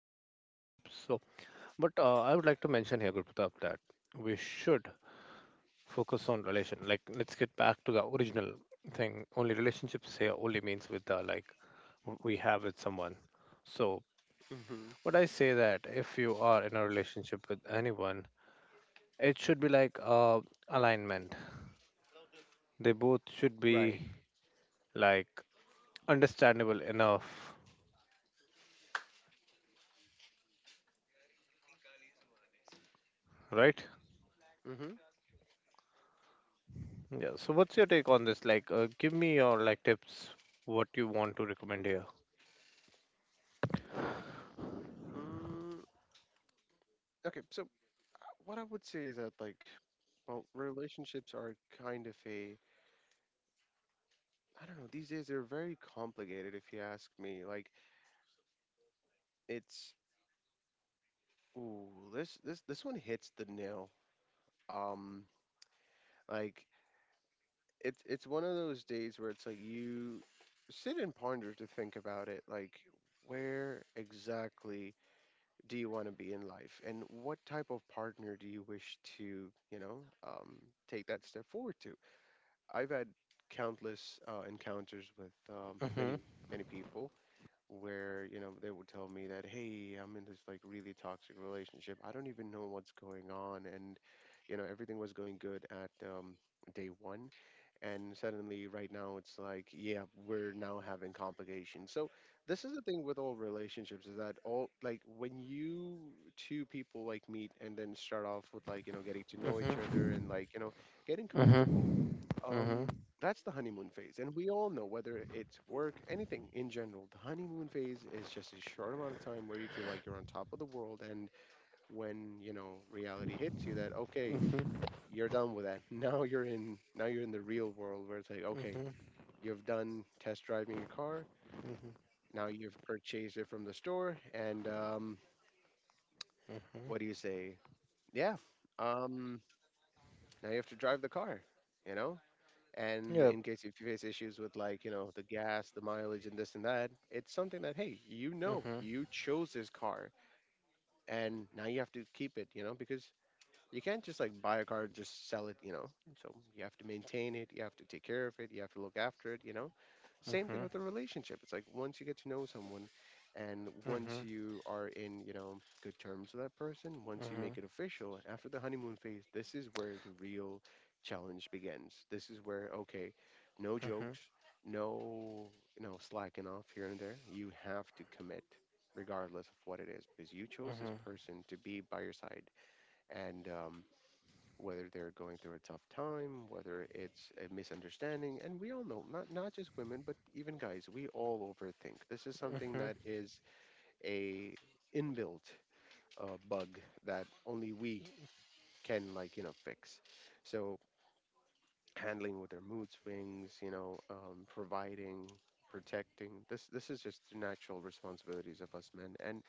would like to mention here, Gurpratap, that we should focus on relation. Like, let's get back to the original thing. Only relationships here only means with the like we have with someone. So, would I say that if you are in a relationship with anyone, it should be like alignment. They both should Right. be like understandable enough, right? Mm-hmm. Yeah. So, what's your take on this? Like, give me your like tips. What you want to recommend here? Mm, okay. So what I would say is that, like, well, relationships are kind of a— I don't know. These days they're very complicated. If you ask me, like, it's ooh, this one hits the nail. Um, like, it's one of those days where it's like you sit and ponder to think about it. Like, where exactly do you want to be in life, and what type of partner do you wish to, um, take that step forward to. I've had countless encounters with Mhm. many many people where, you know, they would tell me that, hey, I'm in this like really toxic relationship, I don't even know what's going on. And, you know, everything was going good at, day one, and suddenly right now it's like, yeah, we're now having complications. So this is the thing with all relationships, is that all, like, when you— two people like meet and then start off with, like, you know, getting to know each other, and Mhm. like, you know, getting comfortable, Mhm. Mhm. um, that's the honeymoon phase. And we all know, whether it's work, anything in general, the honeymoon phase is just a short amount of time where you feel like you're on top of the world. And when, you know, reality hits you that, okay, Mhm. you're done with that. Now you're in— now you're in the real world where it's like, okay, Mhm. you've done test driving your car. Mhm. Now you've purchased it from the store. And Mhm. what do you say? Yeah. Um, Now you have to drive the car, you know? And Yep. in case if you face issues with, like, you know, the gas, the mileage, and this and that, it's something that, hey, you know, Mhm. you chose this car, and now you have to keep it, you know, because you can't just like buy a car and just sell it, you know. So you have to maintain it, you have to take care of it, you have to look after it, you know. Same thing Mhm. with a relationship. It's like, once you get to know someone, and once Mhm. you are in, you know, good terms with that person, once you make Mhm. it official, after the honeymoon phase, this is where the real challenge begins. This is where, okay, no Mhm. Mhm. Mhm. jokes, no, you know, slacking off here and there. You have to commit regardless of what it is, because you chose this person to be by your side. And whether they're going through a tough time, whether it's a misunderstanding— and we all know, not just women, but even guys, we all overthink. This is something that is a inbuilt bug that only we can, like, you know, fix. So, handling with their mood swings, you know, providing, protecting. This is just the natural responsibilities of us men. And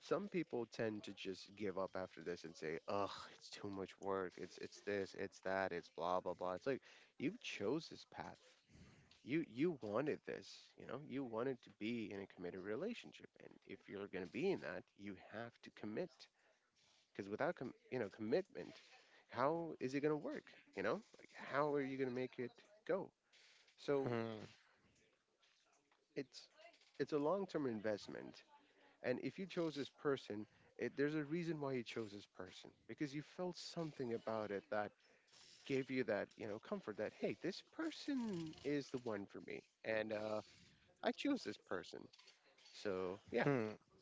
some people tend to just give up after this and say, "Ugh, it's too much work. It's this, it's that, it's blah blah blah." It's like, you chose this path. You wanted this, you know? You wanted to be in a committed relationship. And if you're going to be in that, you have to commit. Because without com- you know, commitment, how is it going to work, you know? Like, how are you going to make it go? So, Hmm. it's it's a long-term investment. And if you chose this person, it— there's a reason why you chose this person, because you felt something about it that gave you that, you know, comfort that, hey, this person is the one for me. And I chose this person. So, yeah.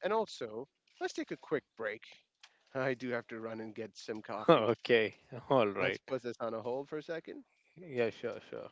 And also, let's take a quick break. I do have to run and get some coffee. Okay. All Let's right. put this on a hold for a second. Yeah. Sure. Sure.